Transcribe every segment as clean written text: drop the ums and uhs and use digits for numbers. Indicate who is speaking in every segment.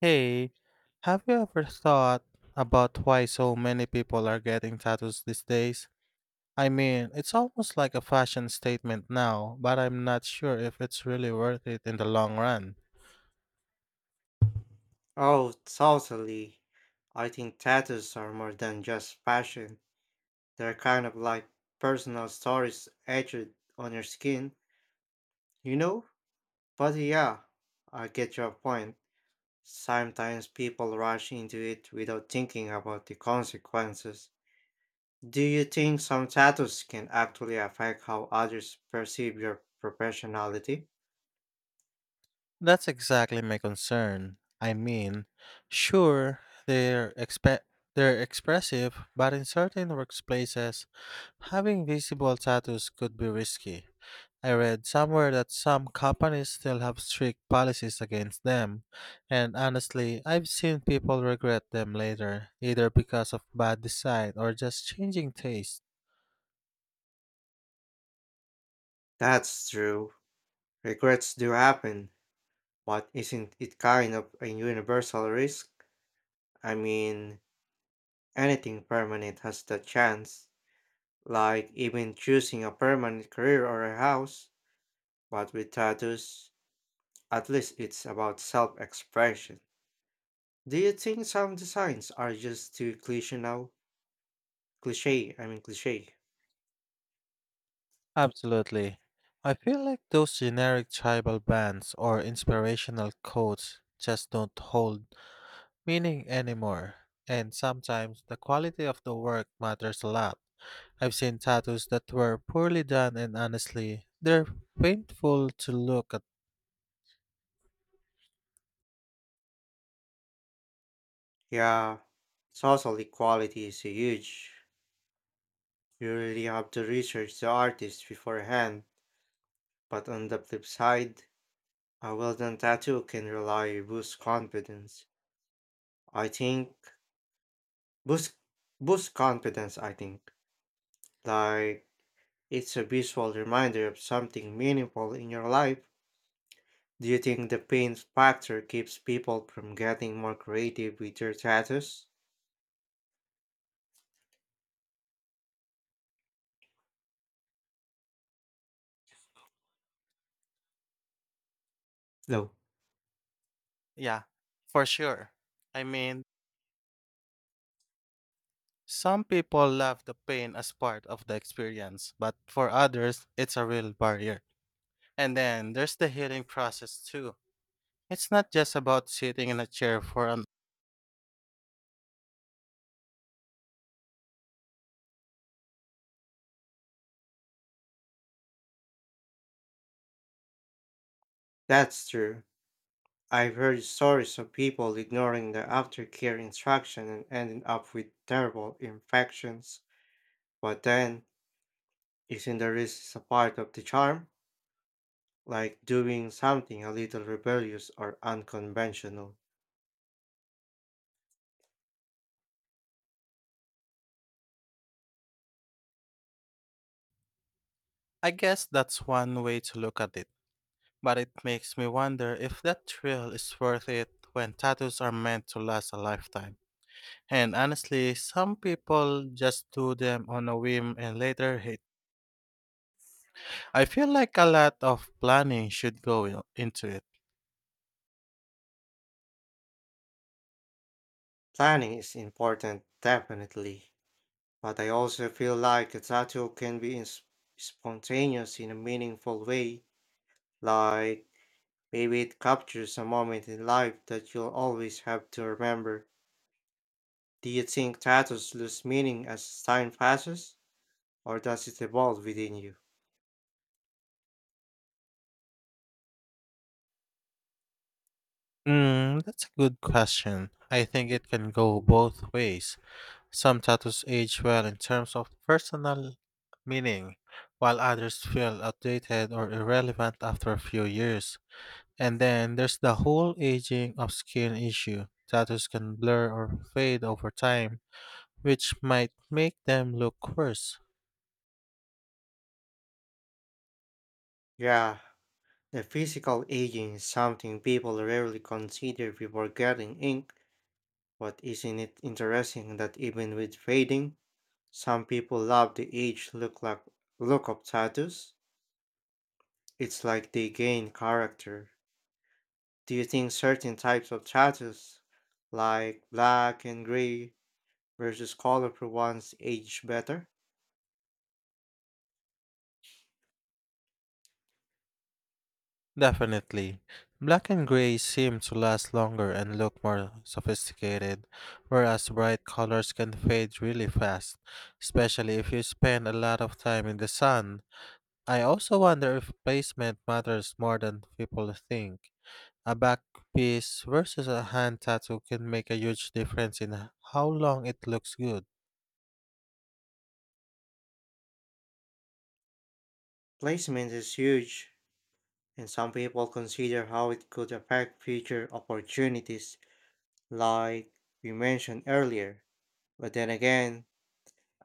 Speaker 1: Hey, have you ever thought about why so many people are getting tattoos these days? I mean, it's almost like a fashion statement now, but I'm not sure if it's really worth it in the long run.
Speaker 2: Oh, totally. I think tattoos are more than just fashion. They're kind of like personal stories etched on your skin, you know? But yeah, I get your point. Sometimes people rush into it without thinking about the consequences. Do you think some tattoos can actually affect how others perceive your professionality?
Speaker 1: That's exactly my concern. I mean, sure, they're expe- they're expressive, but in certain workplaces, having visible tattoos could be risky. I read somewhere that some companies still have strict policies against them, and honestly, I've seen people regret them later, either because of bad design or just changing taste.
Speaker 2: That's true. Regrets do happen, but isn't it kind of a universal risk? I mean, anything permanent has that chance, like even choosing a permanent career or a house. But with tattoos, at least it's about self expression. Do you think some designs are just too cliche now? Cliche, I mean cliche.
Speaker 1: Absolutely. I feel like those generic tribal bands or inspirational quotes just don't hold meaning anymore, and sometimes the quality of the work matters a lot. I've seen tattoos that were poorly done, and honestly, they're painful to look at.
Speaker 2: Yeah, social equality is huge. You really have to research the artist beforehand. But on the flip side, a well done tattoo can rely boost confidence. I think boost boost confidence, I think. Like it's a visual reminder of something meaningful in your life. Do you think the pain factor keeps people from getting more creative with their tattoos? No.
Speaker 1: Yeah, for sure. I mean, some people love the pain as part of the experience, but for others, it's a real barrier. And then there's the healing process too. It's not just about sitting in a chair for an.
Speaker 2: That's true. I've heard stories of people ignoring the aftercare instruction and ending up with terrible infections. But then, isn't the risk a part of the charm? Like doing something a little rebellious or unconventional.
Speaker 1: I guess that's one way to look at it, but it makes me wonder if that thrill is worth it when tattoos are meant to last a lifetime. And honestly, some people just do them on a whim and later hate. I feel like a lot of planning should go into it.
Speaker 2: Planning is important, definitely. But I also feel like a tattoo can be spontaneous in a meaningful way, like maybe it captures a moment in life that you'll always have to remember. Do you think tattoos lose meaning as time passes, or does it evolve within you?
Speaker 1: That's a good question. I think it can go both ways. Some tattoos age well in terms of personal meaning, while others feel outdated or irrelevant after a few years. And then there's the whole aging of skin issue. Tattoos can blur or fade over time, which might make them look worse.
Speaker 2: Yeah, the physical aging is something people rarely consider before getting ink, but isn't it interesting that even with fading, some people love the age look of tattoos? It's like they gain character. Do you think certain types of tattoos, like black and gray versus colorful ones, age better?
Speaker 1: Definitely. Black and gray seem to last longer and look more sophisticated, whereas bright colors can fade really fast, especially if you spend a lot of time in the sun. I also wonder if placement matters more than people think. A back piece versus a hand tattoo can make a huge difference in how long it looks good.
Speaker 2: Placement is huge, and some people consider how it could affect future opportunities, like we mentioned earlier. But then again,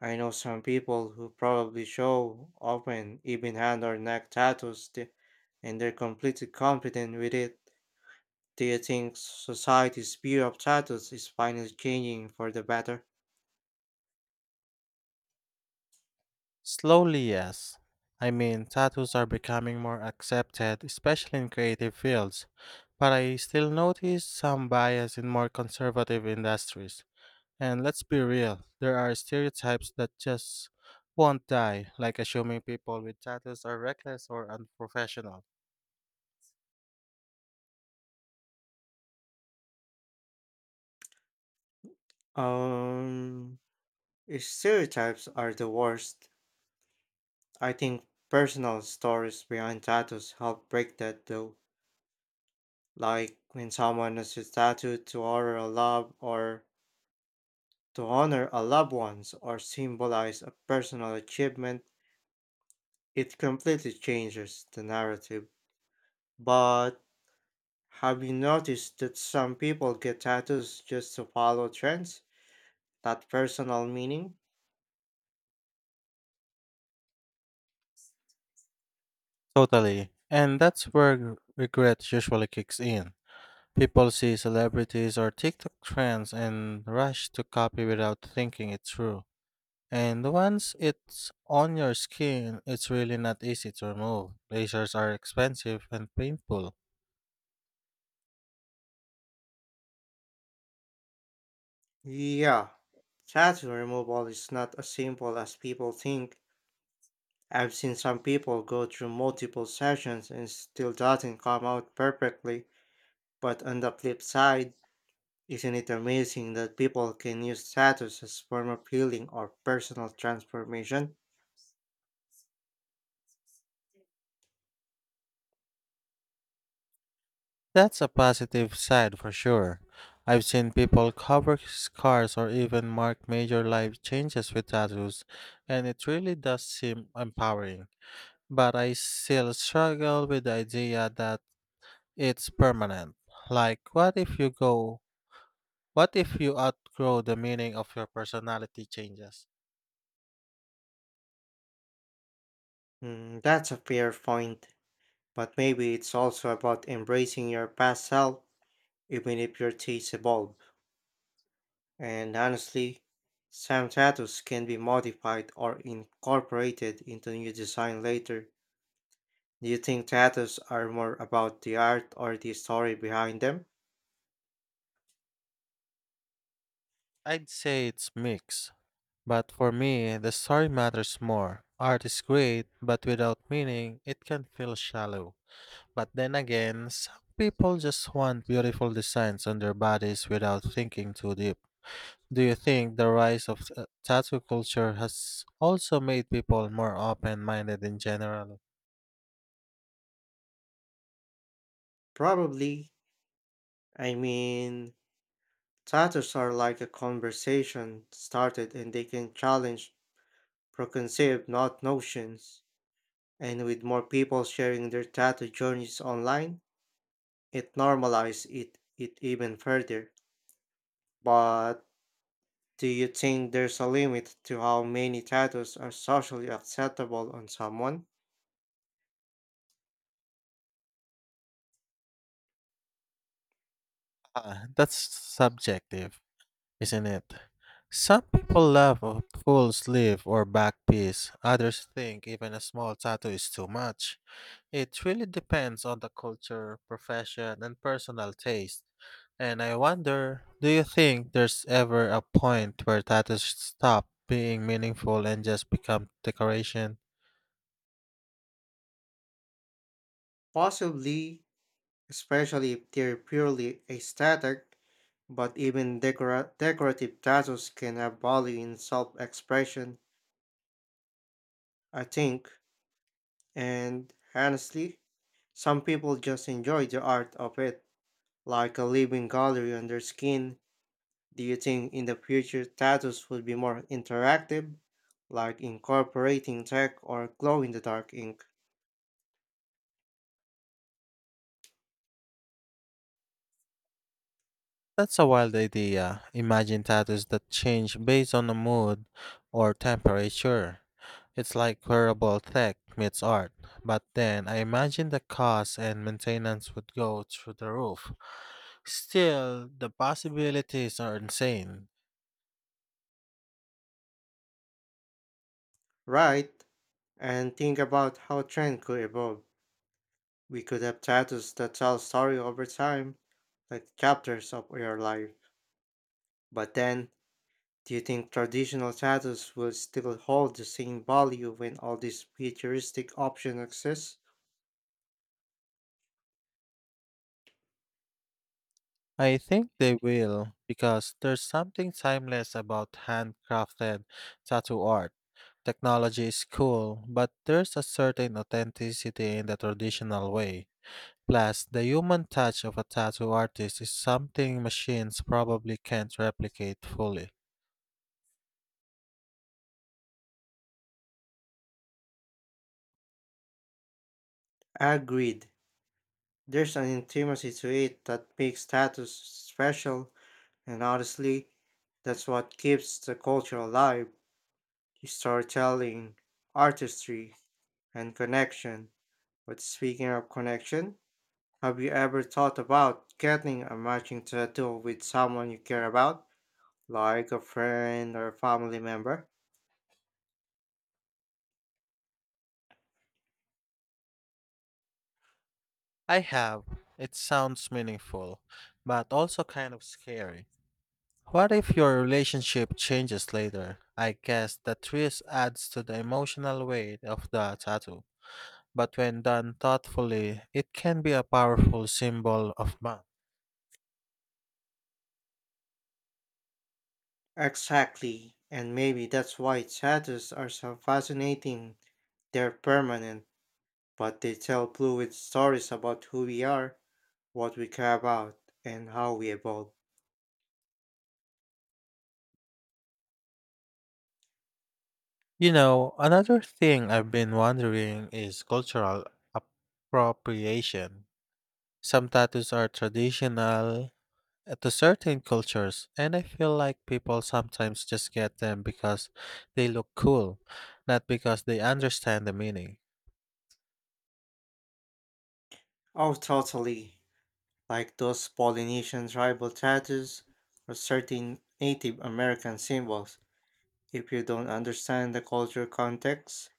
Speaker 2: I know some people who probably show often even hand or neck tattoos, and they're completely confident with it. Do you think society's view of titles is finally changing for the better?
Speaker 1: Slowly, yes. I mean, tattoos are becoming more accepted, especially in creative fields, but I still notice some bias in more conservative industries. And let's be real, there are stereotypes that just won't die, like assuming people with tattoos are reckless or unprofessional.
Speaker 2: Um, Stereotypes are the worst. I think personal stories behind tattoos help break that though. Like when someone has a tattoo to honor a loved ones or symbolize a personal achievement, it completely changes the narrative. But have you noticed that some people get tattoos just to follow trends? That personal meaning?
Speaker 1: Totally. And that's where regret usually kicks in. People see celebrities or TikTok trends and rush to copy without thinking it through. And once it's on your skin, it's really not easy to remove. Lasers are expensive and painful.
Speaker 2: Yeah. Tattoo removal is not as simple as people think. I've seen some people go through multiple sessions and still doesn't come out perfectly. But on the flip side, isn't it amazing that people can use tattoos as form of healing or personal transformation?
Speaker 1: That's a positive side for sure. I've seen people cover scars or even mark major life changes with tattoos, and it really does seem empowering. But I still struggle with the idea that it's permanent. Like, what if you go? What if you outgrow the meaning of your personality changes?
Speaker 2: Mm, that's a fair point. But maybe it's also about embracing your past self, even if your tastes evolve. And honestly, some tattoos can be modified or incorporated into new design later. Do you think tattoos are more about the art or the story behind them?
Speaker 1: I'd say it's mixed. But for me, the story matters more. Art is great, but without meaning, it can feel shallow. But then again, some people just want beautiful designs on their bodies without thinking too deep. Do you think the rise of tattoo culture has also made people more open minded in general?
Speaker 2: Probably. I mean, tattoos are like a conversation started and they can challenge preconceived not notions. And with more people sharing their tattoo journeys online, it normalizes it even further. But do you think there's a limit to how many tattoos are socially acceptable on someone?
Speaker 1: Ah, that's subjective, isn't it? Some people love a full sleeve or back piece, others think even a small tattoo is too much. It really depends on the culture, profession, and personal taste. And I wonder, do you think there's ever a point where tattoos stop being meaningful and just become decoration?
Speaker 2: Possibly, especially if they're purely aesthetic, but even decorative tattoos can have value in self expression, I think. And honestly, some people just enjoy the art of it, like a living gallery on their skin. Do you think in the future tattoos will be more interactive, like incorporating tech or glow in the dark ink?
Speaker 1: That's a wild idea. Imagine tattoos that change based on the mood or temperature. It's like wearable tech meets art. But then I imagine the cost and maintenance would go through the roof. Still, the possibilities are insane.
Speaker 2: Right. And think about how trend could evolve. We could have tattoos that tell story over time, like chapters of your life. But then, do you think traditional tattoos will still hold the same value when all these futuristic options exist?
Speaker 1: I think they will, because there's something timeless about handcrafted tattoo art. Technology is cool, but there's a certain authenticity in the traditional way. Plus, the human touch of a tattoo artist is something machines probably can't replicate fully.
Speaker 2: Agreed. There's an intimacy to it that makes tattoos special, and honestly, that's what keeps the culture alive: storytelling, artistry, and connection. But speaking of connection, have you ever thought about getting a matching tattoo with someone you care about, like a friend or a family member?
Speaker 1: I have. It sounds meaningful, but also kind of scary. What if your relationship changes later? I guess that twist adds to the emotional weight of the tattoo, but when done thoughtfully, it can be a powerful symbol of man.
Speaker 2: Exactly, and maybe that's why tattoos are so fascinating. They're permanent, but they tell fluid stories about who we are, what we care about, and how we evolve.
Speaker 1: You know, another thing I've been wondering is cultural appropriation. Some tattoos are traditional to certain cultures, and I feel like people sometimes just get them because they look cool, not because they understand the meaning.
Speaker 2: Oh, totally. Like those Polynesian tribal tattoos or certain Native American symbols. If you don't understand the cultural context,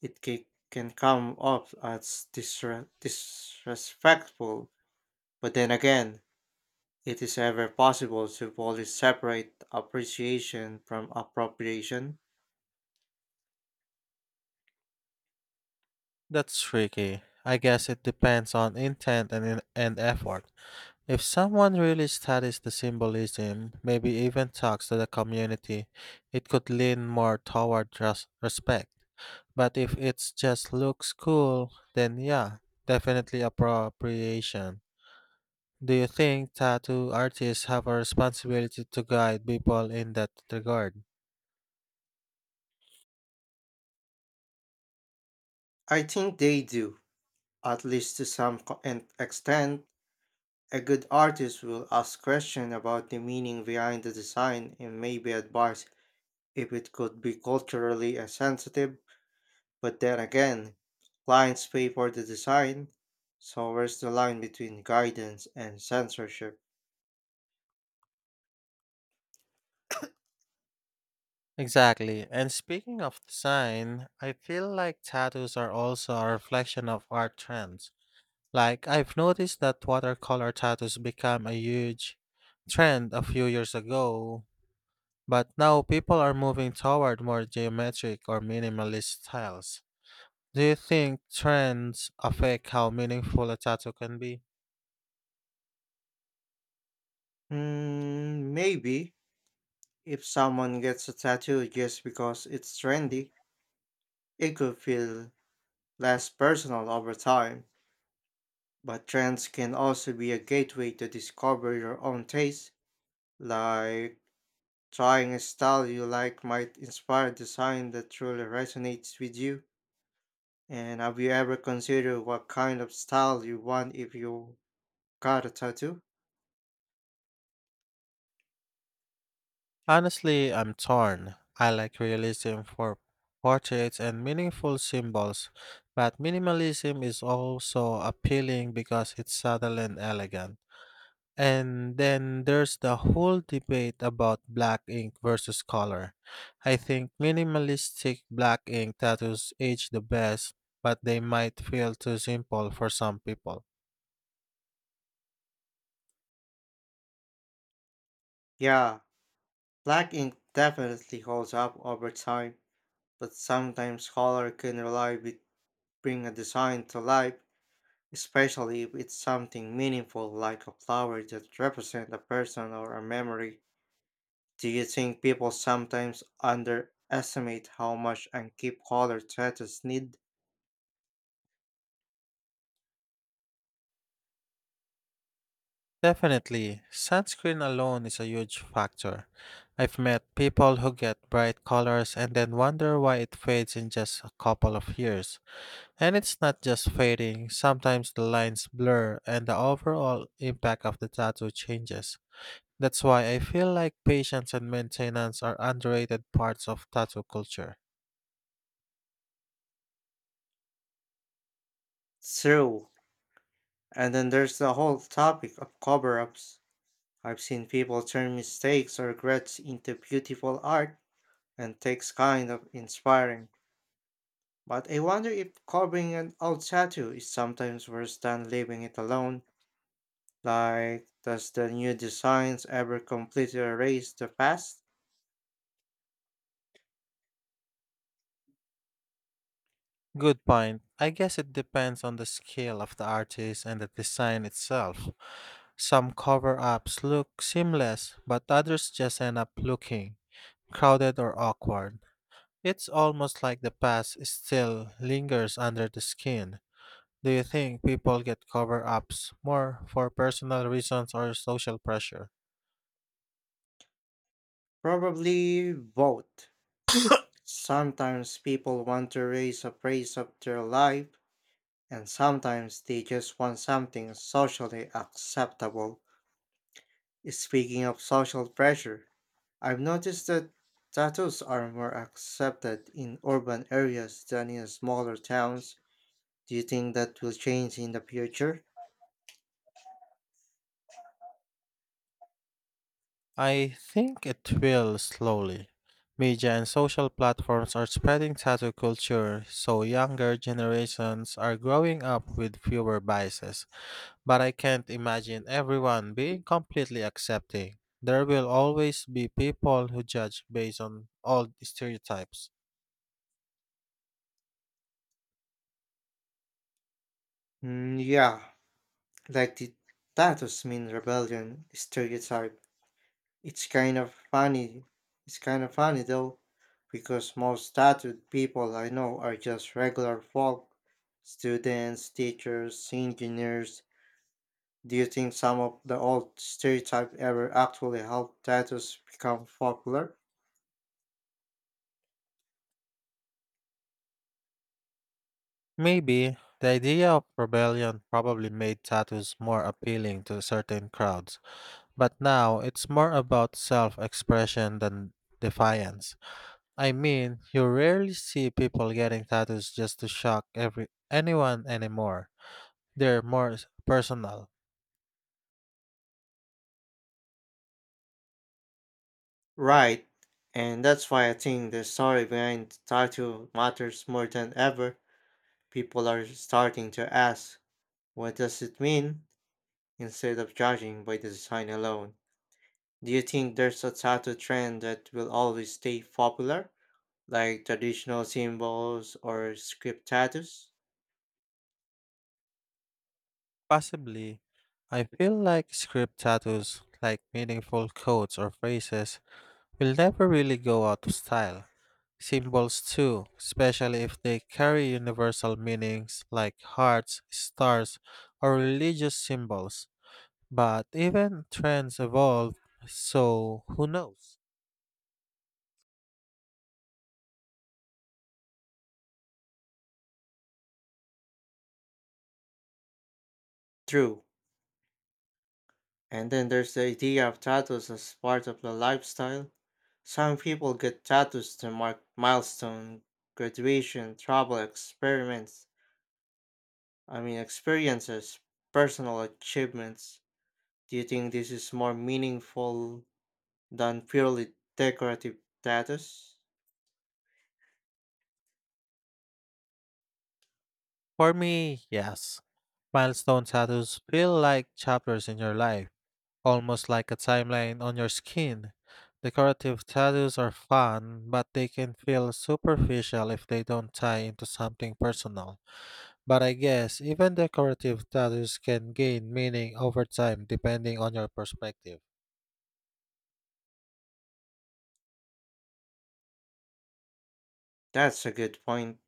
Speaker 2: it can come off as disrespectful. But then again, it is ever possible to fully separate appreciation from appropriation.
Speaker 1: That's tricky. I guess it depends on intent and effort. If someone really studies the symbolism, maybe even talks to the community, it could lean more toward respect. But if it just looks cool, then yeah, definitely appropriation. Do you think tattoo artists have a responsibility to guide people in that regard?
Speaker 2: I think they do, at least to some extent. A good artist will ask questions about the meaning behind the design and maybe advise if it could be culturally sensitive. But then again, clients pay for the design, so where's the line between guidance and censorship?
Speaker 1: Exactly. And speaking of design, I feel like tattoos are also a reflection of art trends. Like, I've noticed that watercolor tattoos became a huge trend a few years ago, but now people are moving toward more geometric or minimalist styles. Do you think trends affect how meaningful a tattoo can be?
Speaker 2: Hmm, maybe if someone gets a tattoo just because it's trendy, it could feel less personal over time. But trends can also be a gateway to discover your own taste, like trying a style you like might inspire a design that truly resonates with you. And have you ever considered what kind of style you want if you got a tattoo?
Speaker 1: Honestly, I'm torn. I like realism for portraits and meaningful symbols, but minimalism is also appealing because it's subtle and elegant. And then there's the whole debate about black ink versus color. I think minimalistic black ink tattoos age the best, but they might feel too simple for some people.
Speaker 2: Yeah, black ink definitely holds up over time, but sometimes color can rely with bring a design to life, especially if it's something meaningful like a flower that represents a person or a memory. Do you think people sometimes underestimate how much and keep color tattoos need?
Speaker 1: Definitely, sunscreen alone is a huge factor. I've met people who get bright colors and then wonder why it fades in just a couple of years. And it's not just fading, sometimes the lines blur and the overall impact of the tattoo changes. That's why I feel like patience and maintenance are underrated parts of tattoo culture.
Speaker 2: True. And then there's the whole topic of cover ups. I've seen people turn mistakes or regrets into beautiful art and takes kind of inspiring. But I wonder if covering an old tattoo is sometimes worse than leaving it alone. Like, does the new designs ever completely erase the past?
Speaker 1: Good point. I guess it depends on the skill of the artist and the design itself. Some cover ups look seamless, but others just end up looking crowded or awkward. It's almost like the past still lingers under the skin. Do you think people get cover ups more for personal reasons or social pressure?
Speaker 2: Probably both. Sometimes people want to raise a praise of their life, and sometimes they just want something socially acceptable. Speaking of social pressure, I've noticed that tattoos are more accepted in urban areas than in smaller towns. Do you think that will change in the future?
Speaker 1: I think it will slowly. Media and social platforms are spreading tattoo culture, so younger generations are growing up with fewer biases. But I can't imagine everyone being completely accepting. There will always be people who judge based on old stereotypes.
Speaker 2: Mm, yeah, like the tattoos mean rebellion stereotype. It's kind of funny. It's kind of funny though, because most tattooed people I know are just regular folk, students, teachers, engineers, do you think some of the old stereotypes ever actually helped tattoos become popular?
Speaker 1: Maybe the idea of rebellion probably made tattoos more appealing to certain crowds, but now it's more about self expression than defiance. I mean, you rarely see people getting tattoos just to shock every anyone anymore. They're personal.
Speaker 2: Right, and that's why I think the story behind tattoo matters more than ever. People are starting to ask, what does it mean? Instead of judging by the design alone. Do you think there's a tattoo trend that will always stay popular, like traditional symbols or script tattoos?
Speaker 1: Possibly, I feel like script tattoos, like meaningful quotes or phrases, will never really go out of style. Symbols too, especially if they carry universal meanings like hearts, stars, or religious symbols. But even trends evolve, so who knows?
Speaker 2: True. And then there's the idea of tattoos as part of the lifestyle. Some people get tattoos to mark milestone, graduation, travel experiments, I mean experiences, personal achievements. Do you think this is more meaningful than purely decorative tattoos?
Speaker 1: For me, yes. Milestone tattoos feel like chapters in your life, almost like a timeline on your skin. Decorative tattoos are fun, but they can feel superficial if they don't tie into something personal. But I guess even decorative tattoos can gain meaning over time depending on your perspective.
Speaker 2: That's a good point.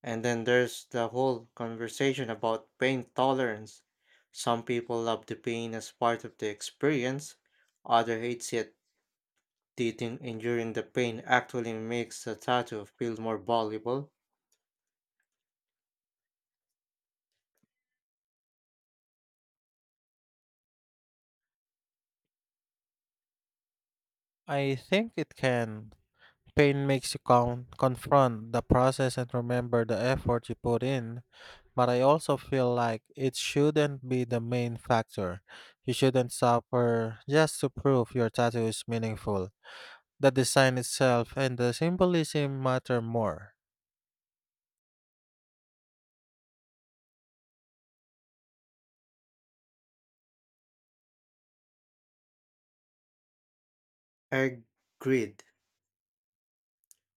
Speaker 2: And then there's the whole conversation about pain tolerance. Some people love the pain as part of the experience, others hate it. They think enduring the pain actually makes the tattoo feel more valuable.
Speaker 1: I think it can. Pain makes you confront the process and remember the effort you put in, but I also feel like it shouldn't be the main factor. You shouldn't suffer just to prove your tattoo is meaningful. The design itself and the symbolism matter more.
Speaker 2: Agreed.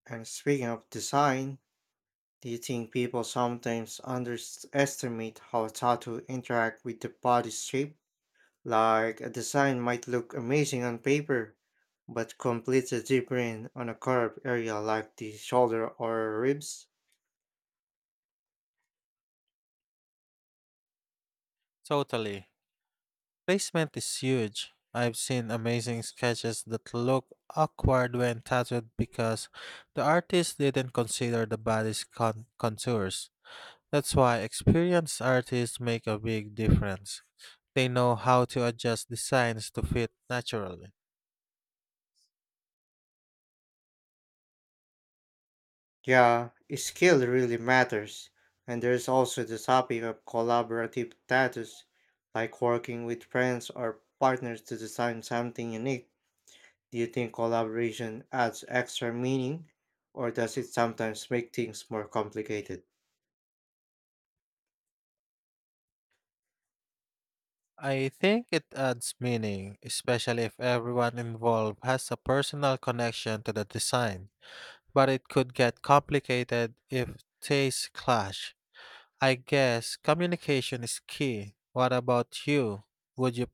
Speaker 2: And speaking of design, do you think people sometimes underestimate how tattoo interact with the body shape? Like a design might look amazing on paper, but completes a deep vein on a curved area like the shoulder or ribs.
Speaker 1: Totally. Placement is huge. I've seen amazing sketches that look awkward when tattooed because the artist didn't consider the body's contours. That's why experienced artists make a big difference. They know how to adjust designs to fit naturally.
Speaker 2: Yeah, skill really matters. And there's also the topic of collaborative tattoos, like working with friends or partners to design something unique. Do you think collaboration adds extra meaning, or does it sometimes make things more complicated?
Speaker 1: I think it adds meaning, especially if everyone involved has a personal connection to the design. But it could get complicated if tastes clash. I guess communication is key. What about you? Would you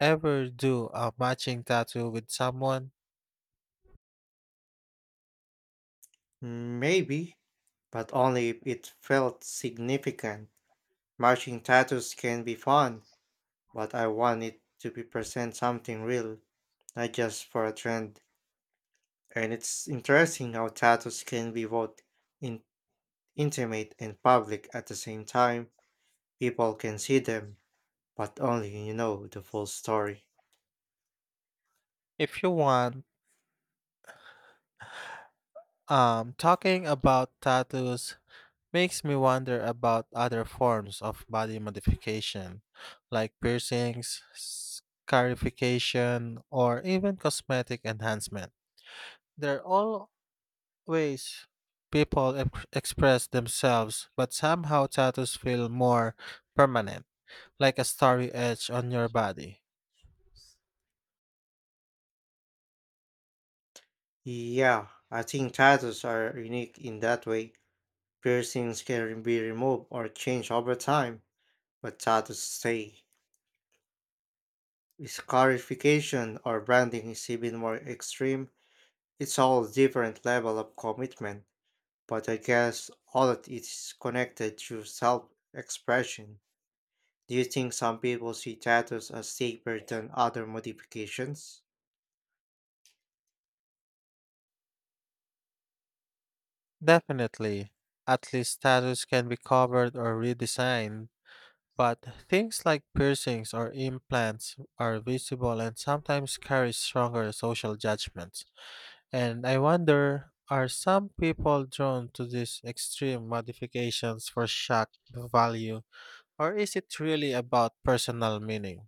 Speaker 1: ever do a matching tattoo with someone?
Speaker 2: Maybe, but only if it felt significant. Matching tattoos can be fun, but I want it to be present something real, not just for a trend. And it's interesting how tattoos can be both in- intimate and public at the same time. People can see them, but only you know the full story.
Speaker 1: If you want, talking about tattoos makes me wonder about other forms of body modification, like piercings, scarification, or even cosmetic enhancement. There are all ways people express themselves, but somehow tattoos feel more permanent, like a starry edge on your body.
Speaker 2: Yeah, I think tattoos are unique in that way. Piercings can be removed or changed over time, but tattoos stay. Scarification or branding is even more extreme. It's all different level of commitment, but I guess all of it is connected to self-expression. Do you think some people see tattoos as safer than other modifications?
Speaker 1: Definitely, at least tattoos can be covered or redesigned. But things like piercings or implants are visible and sometimes carry stronger social judgments. And I wonder, are some people drawn to these extreme modifications for shock value, or is it really about personal meaning?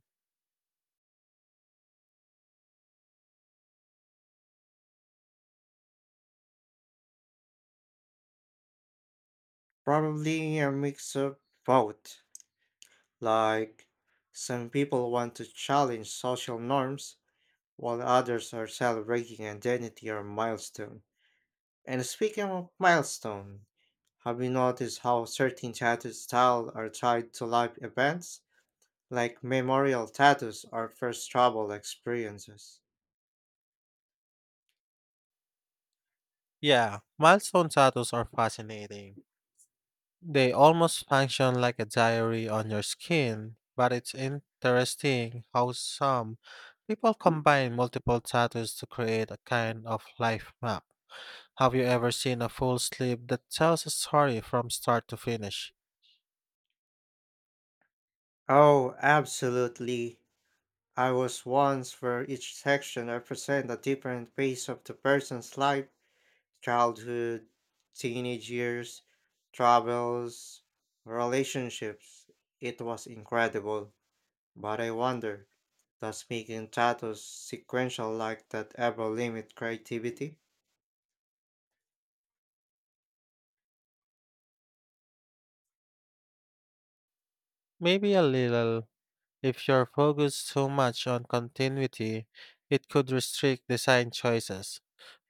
Speaker 2: Probably a mix of both. Like, some people want to challenge social norms, while others are celebrating identity or milestone. And speaking of milestone, have you noticed how certain tattoo styles are tied to life events? Like memorial tattoos or first travel experiences.
Speaker 1: Yeah, milestone tattoos are fascinating. They almost function like a diary on your skin, but it's interesting how some people combine multiple tattoos to create a kind of life map. Have you ever seen a full sleeve that tells a story from start to finish?
Speaker 2: Oh, absolutely. I was once where each section represents a different phase of the person's life: childhood, teenage years, travels, relationships. It was incredible. But I wonder, does making tattoos sequential like that ever limit creativity?
Speaker 1: Maybe a little. If you're focused too much on continuity, it could restrict design choices,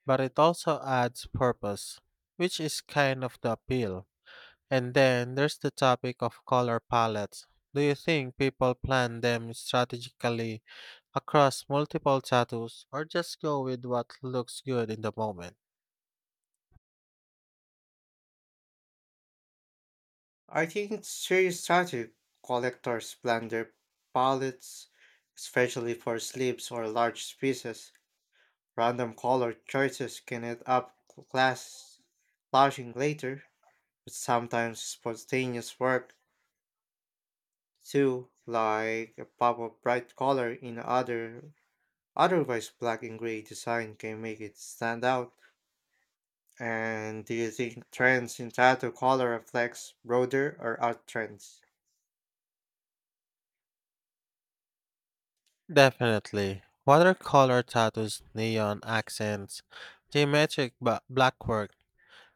Speaker 1: but it also adds purpose, which is kind of the appeal. And then there's the topic of color palettes. Do you think people plan them strategically across multiple tattoos or just go with what looks good in the moment?
Speaker 2: I think serious tattoo collectors plan their palettes, especially for sleeves or large pieces. Random color choices can end up class clashing later, but sometimes spontaneous work too, like a pop of bright color in otherwise black and gray design can make it stand out. And do you think trends in tattoo color reflects broader or art trends?
Speaker 1: Definitely. Watercolor tattoos, neon accents, blackwork,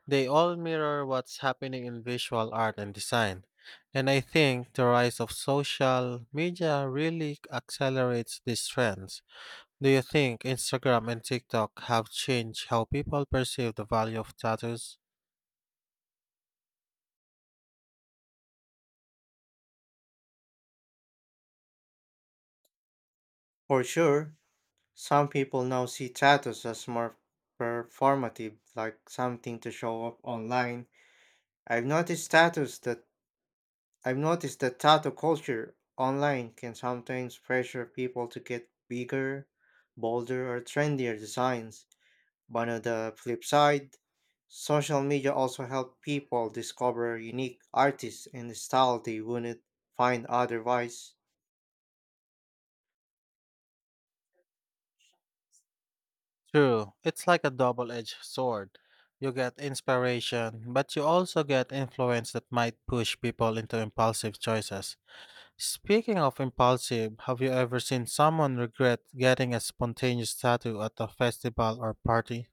Speaker 1: they all mirror what's happening in visual art and design. And I think the rise of social media really accelerates these trends. Do you think Instagram and TikTok have changed how people perceive the value of tattoos?
Speaker 2: For sure, some people now see tattoos as more performative, like something to show off online. I've noticed tattoos that I've noticed that tattoo culture online can sometimes pressure people to get bigger, bolder, or trendier designs. But on the flip side, social media also help people discover unique artists and style they wouldn't find otherwise.
Speaker 1: True, it's like a double edged sword. You get inspiration, but you also get influence that might push people into impulsive choices. Speaking of impulsive, have you ever seen someone regret getting a spontaneous tattoo at a festival or party?